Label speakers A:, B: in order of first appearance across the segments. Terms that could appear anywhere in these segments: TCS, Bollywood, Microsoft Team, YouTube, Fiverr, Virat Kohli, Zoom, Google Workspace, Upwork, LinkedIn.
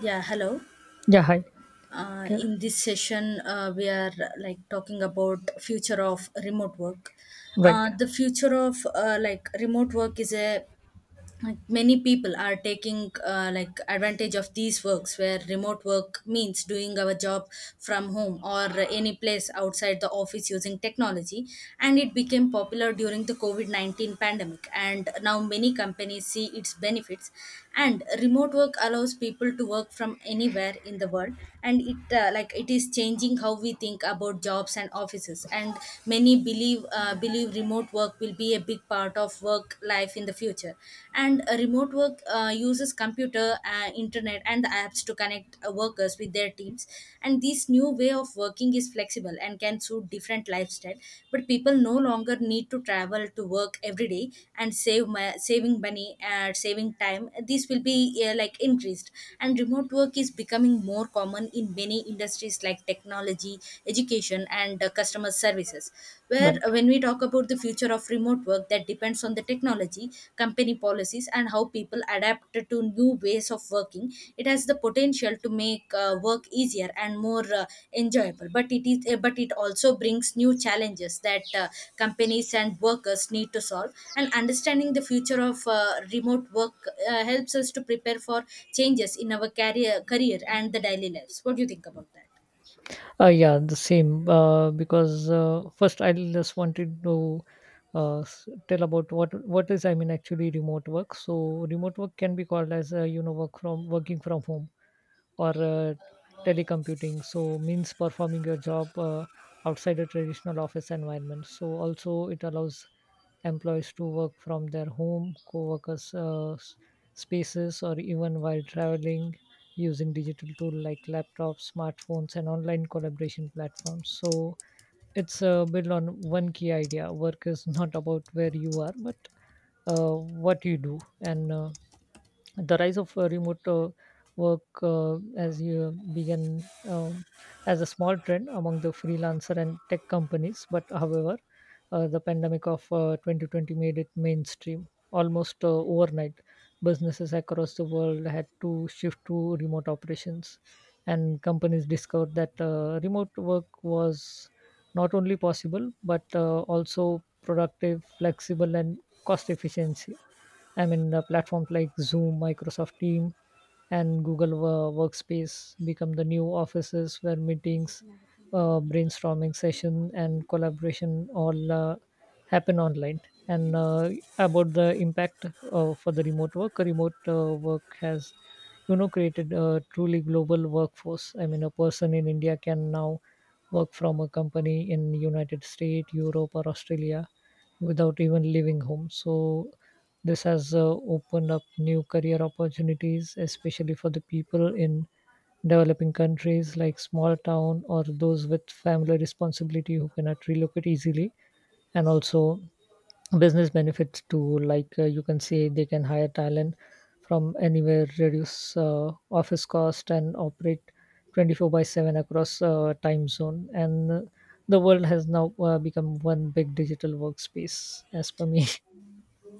A: Yeah, hello.
B: Yeah, hi. K-
A: In this session, we are like talking about future of remote work.
B: Right,
A: The future of like remote work is a like, many people are taking like advantage of these works where remote work means doing our job from home or any place outside the office using technology, and it became popular during the covid-19 pandemic and now many companies see its benefits. And remote work allows people to work from anywhere in the world, and it like it is changing how we think about jobs and offices, and many believe believe remote work will be a big part of work life in the future. And remote work uses computer, internet and the apps to connect workers with their teams, and this new way of working is flexible and can suit different lifestyle, but people no longer need to travel to work every day, and save saving money and saving time this will be like increased. And remote work is becoming more common in many industries like technology, education and customer services. Where
B: right.
A: when we talk about the future of remote work, that depends on the technology, company policies and how people adapt to new ways of working. It has the potential to make work easier and more enjoyable, but it is but it also brings new challenges that companies and workers need to solve, and understanding the future of remote work helps us to prepare for changes in our career and the daily lives. What do you think about that?
B: Yeah, the same. Because first, I just wanted to tell about what is, actually, remote work. So, remote work can be called as, working from home or telecommuting. So, means performing your job outside a traditional office environment. So, also it allows employees to work from their home, co-workers spaces, or even while traveling using digital tools like laptops, smartphones, and online collaboration platforms. So it's built on one key idea: work is not about where you are, but what you do. And the rise of remote work, as you began, as a small trend among the freelancer and tech companies. But, however, the pandemic of 2020 made it mainstream almost overnight. Businesses across the world had to shift to remote operations, and companies discovered that remote work was not only possible but also productive, flexible, and cost efficient. I mean, the platforms like Zoom, Microsoft Team, and Workspace become the new offices where meetings, brainstorming session, and collaboration all happen online. And about the impact for the remote work has, you know, created a truly global workforce. I mean, a person in India can now work from a company in United States, Europe, or Australia without even leaving home. So this has opened up new career opportunities, especially for the people in developing countries like small town or those with family responsibility who cannot relocate easily. And also business benefits too, like, you can say, they can hire talent from anywhere, reduce office cost, and operate 24 by 7 across time zone. And the world has now become one big digital workspace, as per me.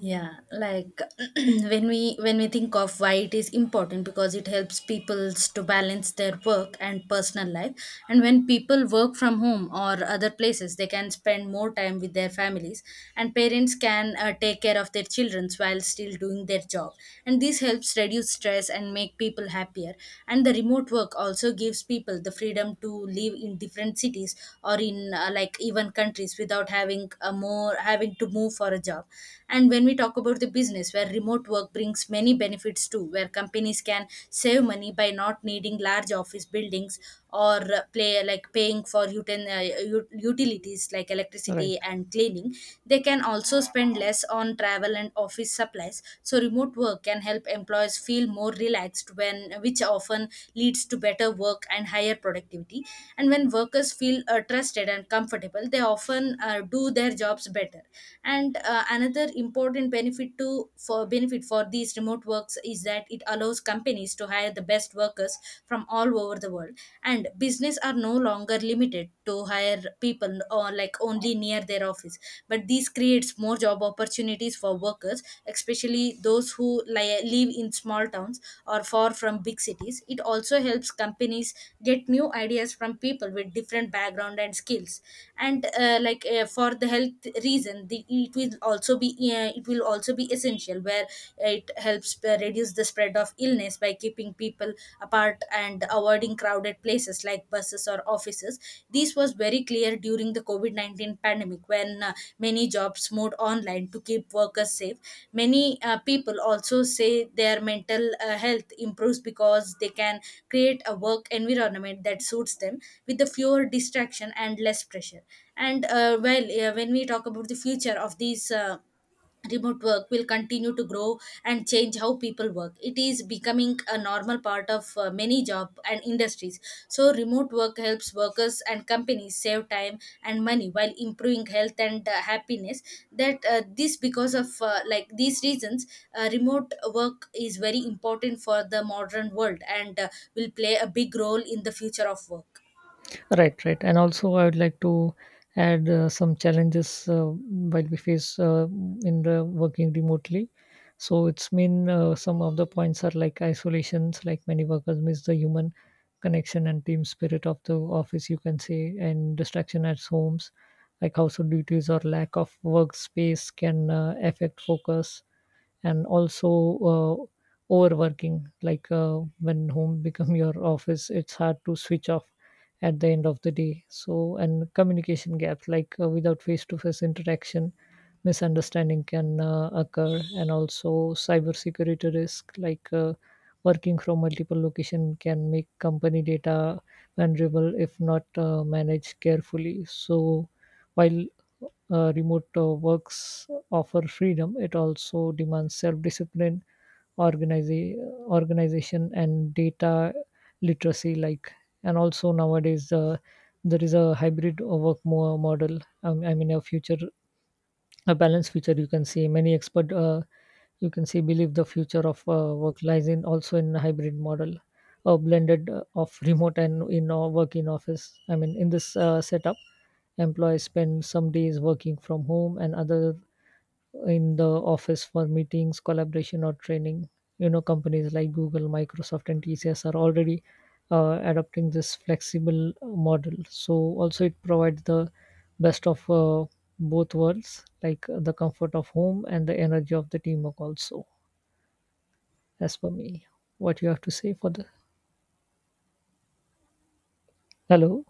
A: Yeah, like when we think of why it is important, because it helps people to balance their work and personal life, and when people work from home or other places they can spend more time with their families, and parents can take care of their children while still doing their job, and this helps reduce stress and make people happier. And the remote work also gives people the freedom to live in different cities or in like even countries without having a more having to move for a job. And when we talk about the business, where remote work brings many benefits too, where companies can save money by not needing large office buildings or play like paying for utilities like
B: Right,
A: electricity and cleaning. They can also spend less on travel and office supplies. So remote work can help employees feel more relaxed when which often leads to better work and higher productivity. And when workers feel trusted and comfortable, they often do their jobs better. And another important benefit to for benefit for these remote works is that it allows companies to hire the best workers from all over the world, and business are no longer limited to hire people or like only near their office, but this creates more job opportunities for workers, especially those who live in small towns or far from big cities. It also helps companies get new ideas from people with different background and skills. And like for the health reason the, it will also be it will also be essential where it helps reduce the spread of illness by keeping people apart and avoiding crowded places like buses or offices. This was very clear during the covid-19 pandemic when many jobs moved online to keep workers safe. Many people also say their mental health improves because they can create a work environment that suits them with the fewer distraction and less pressure. And well when we talk about the future of these remote work will continue to grow and change how people work. It is becoming a normal part of many job and industries. So remote work helps workers and companies save time and money while improving health and happiness. That this because of like these reasons remote work is very important for the modern world, and will play a big role in the future of work.
B: right, right. And also, I would like to add some challenges while we face, in the working remotely. So it's mean, some of the points are like isolations, like many workers miss the human connection and team spirit of the office, you can say. And distraction at homes, like household duties or lack of workspace, can affect focus. And also uh, overworking, like when home become your office, it's hard to switch off at the end of the day. So, and communication gaps like without face to face interaction, misunderstanding can occur. And also cybersecurity risk, like working from multiple location can make company data vulnerable if not managed carefully. So while remote works offer freedom, it also demands self-discipline, organiza- organization, and data literacy. Like, and also nowadays, there is a hybrid work model. I mean, a future, a balanced future. You can see many expert you can see believe the future of work lies in, also, in a hybrid model, a blended of remote and in work in office. I mean, in this setup, employees spend some days working from home and other in the office for meetings, collaboration, or training. You know, companies like Google, Microsoft, and TCS are already adopting this flexible model. So also it provides the best of both worlds, like the comfort of home and the energy of the teamwork. Also, as for me, what you have to say for the, hello?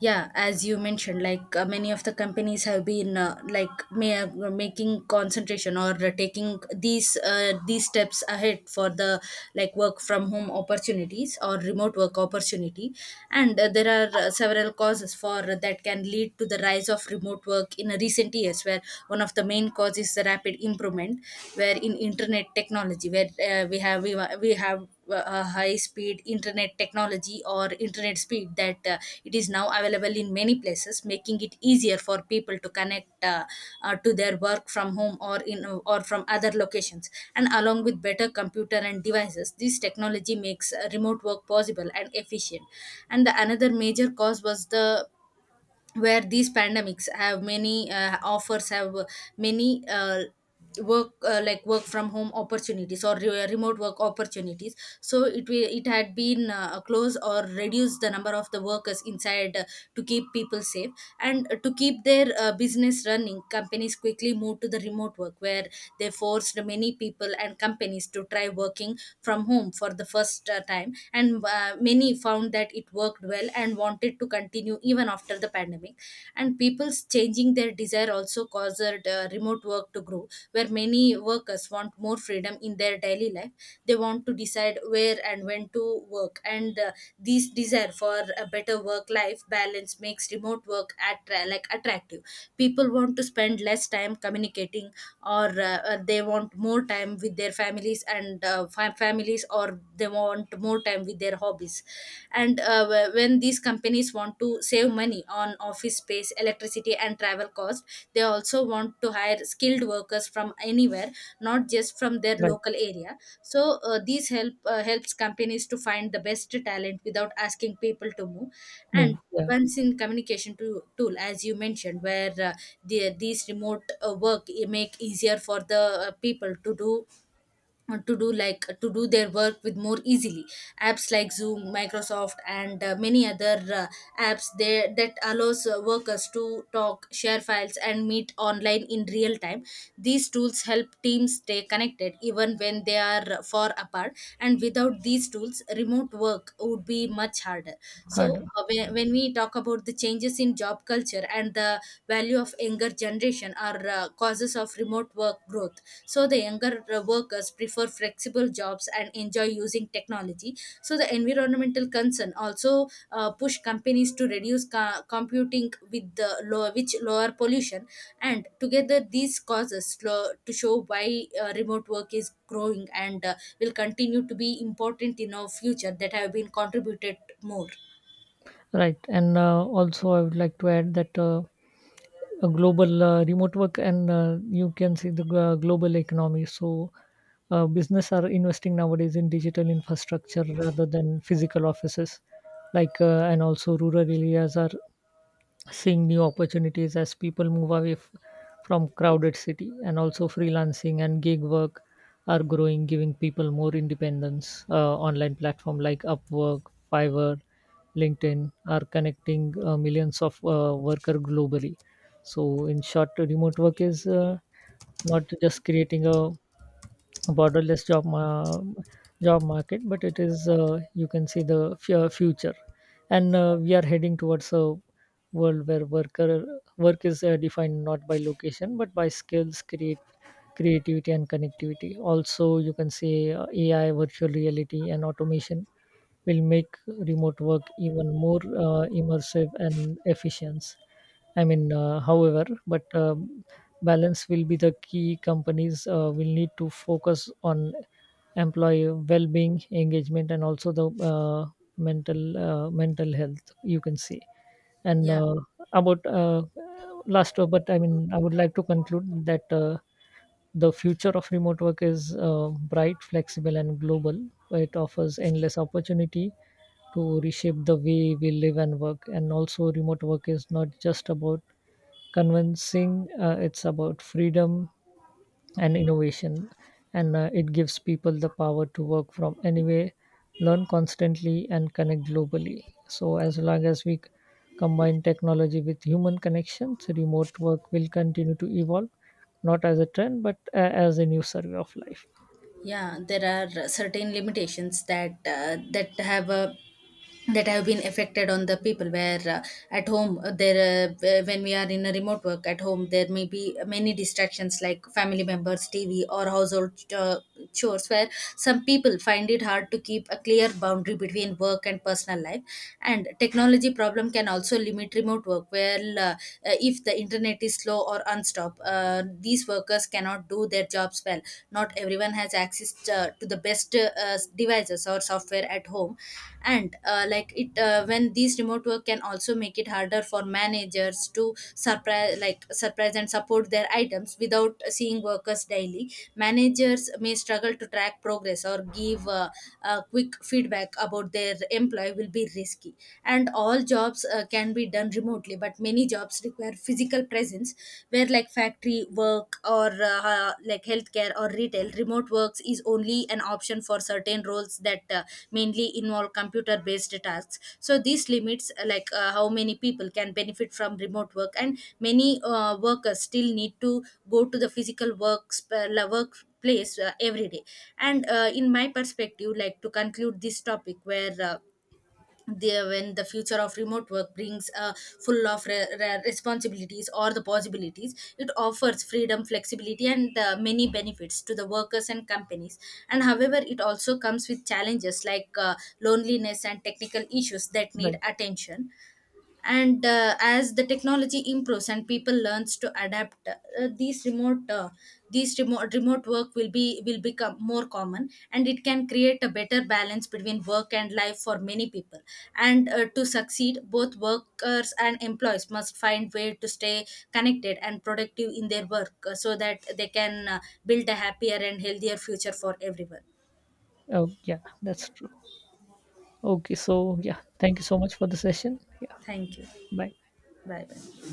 A: Yeah, as you mentioned, like many of the companies have been like making concentration or taking these steps ahead for the like work from home opportunities or remote work opportunity. And there are several causes for that can lead to the rise of remote work in recent years, where one of the main causes is the rapid improvement where in internet technology, where we have we have high speed internet technology or internet speed that it is now available in many places, making it easier for people to connect to their work from home or in or from other locations. And along with better computer and devices, this technology makes remote work possible and efficient. And the another major cause was the where these pandemics have many offers have many work like work from home opportunities or remote work opportunities. So it will it had been closed or reduced the number of the workers inside, to keep people safe life and to keep their business running, companies quickly moved to the remote work where they forced many people and companies to try working from home for the first time. And many found that it worked well and wanted to continue even after the pandemic. And people's changing their desire also caused remote work to grow, where many workers want more freedom in their daily life. They want to decide where and when to work, and this desire for a better work life balance makes remote work like attractive. People want to spend less time communicating or they want more time with their families and families, or they want more time with their hobbies. And when these companies want to save money on office space, electricity and travel cost, they also want to hire skilled workers from anywhere, not just from their
B: Right?
A: local area. So these help helps companies to find the best talent without asking people to move. And
B: Move, yeah,
A: once in communication to, tool as you mentioned, where the, these remote work make easier for the people to do like to do their work with more easily. Apps like Zoom, Microsoft and many other apps there that allows workers to talk, share files and meet online in real time. These tools help teams stay connected even when they are far apart, and without these tools remote work would be much harder. So
B: hard,
A: when we talk about the changes in job culture and the value of younger generation are causes of remote work growth. So the younger workers prefer flexible jobs and enjoy using technology. So the environmental concern also push companies to reduce computing with the low, which lower pollution. And together these causes slow, to show why remote work is growing and will continue to be important in our future that have been contributed more.
B: right. And also, I would like to add that, a global remote work, and you can see the global economy. So, business are investing nowadays in digital infrastructure rather than physical offices, like, and also rural areas are seeing new opportunities as people move away from crowded city. And also freelancing and gig work are growing, giving people more independence. Online platform like Upwork, Fiverr, LinkedIn are connecting millions of worker globally. So in short, remote work is not just creating a borderless job ma- job market, but it is, you can see, the future. And we are heading towards a world where work is defined not by location but by skills, create creativity, and connectivity. Also, you can see AI, virtual reality, and automation will make remote work even more immersive and efficient. I mean, however, but balance will be the key. Companies will need to focus on employee well-being, engagement, and also the mental health, you can see. And
A: Yeah,
B: about last, but I mean, I would like to conclude that. The future of remote work is bright, flexible, and global. It offers endless opportunity to reshape the way we live and work. And also, remote work is not just about convincing, it's about freedom and innovation. And it gives people the power to work from anywhere, learn constantly, and connect globally. So, as long as we combine technology with human connections, remote work will continue to evolve, not as a trend, but as a new survey of life.
A: yeah, there are certain limitations that that have a that have been affected on the people, where at home there when we are in a remote work at home, there may be many distractions like family members, TV or household uh, chores. Where some people find it hard to keep a clear boundary between work and personal life. And technology problem can also limit remote work well. If the internet is slow or unstopped, these workers cannot do their jobs well. Not everyone has access to the best devices or software at home. And like it when these remote work can also make it harder for managers to surprise like surprise and support their items without seeing workers daily. Managers may struggle to track progress or give a quick feedback about their employee will be risky. And all jobs can be done remotely, but many jobs require physical presence, where like factory work or like healthcare or retail. Remote works is only an option for certain roles that mainly involve computer based tasks. So this limits like how many people can benefit from remote work, and many workers still need to go to the physical works workplace every day. And in my perspective, like to conclude this topic where the, when the future of remote work brings full of responsibilities or the possibilities, it offers freedom, flexibility and many benefits to the workers and companies. And however, it also comes with challenges like loneliness and technical issues that need
B: Right.
A: attention. And as the technology improves and people learns to adapt these remote work will be will become more common, and it can create a better balance between work and life for many people. And to succeed both workers and employees must find way to stay connected and productive in their work, so that they can build a happier and healthier future for everyone.
B: Oh, yeah, that's true. Okay, so yeah, thank you so much for the session. Yeah,
A: Thank you.
B: bye.
A: Bye bye.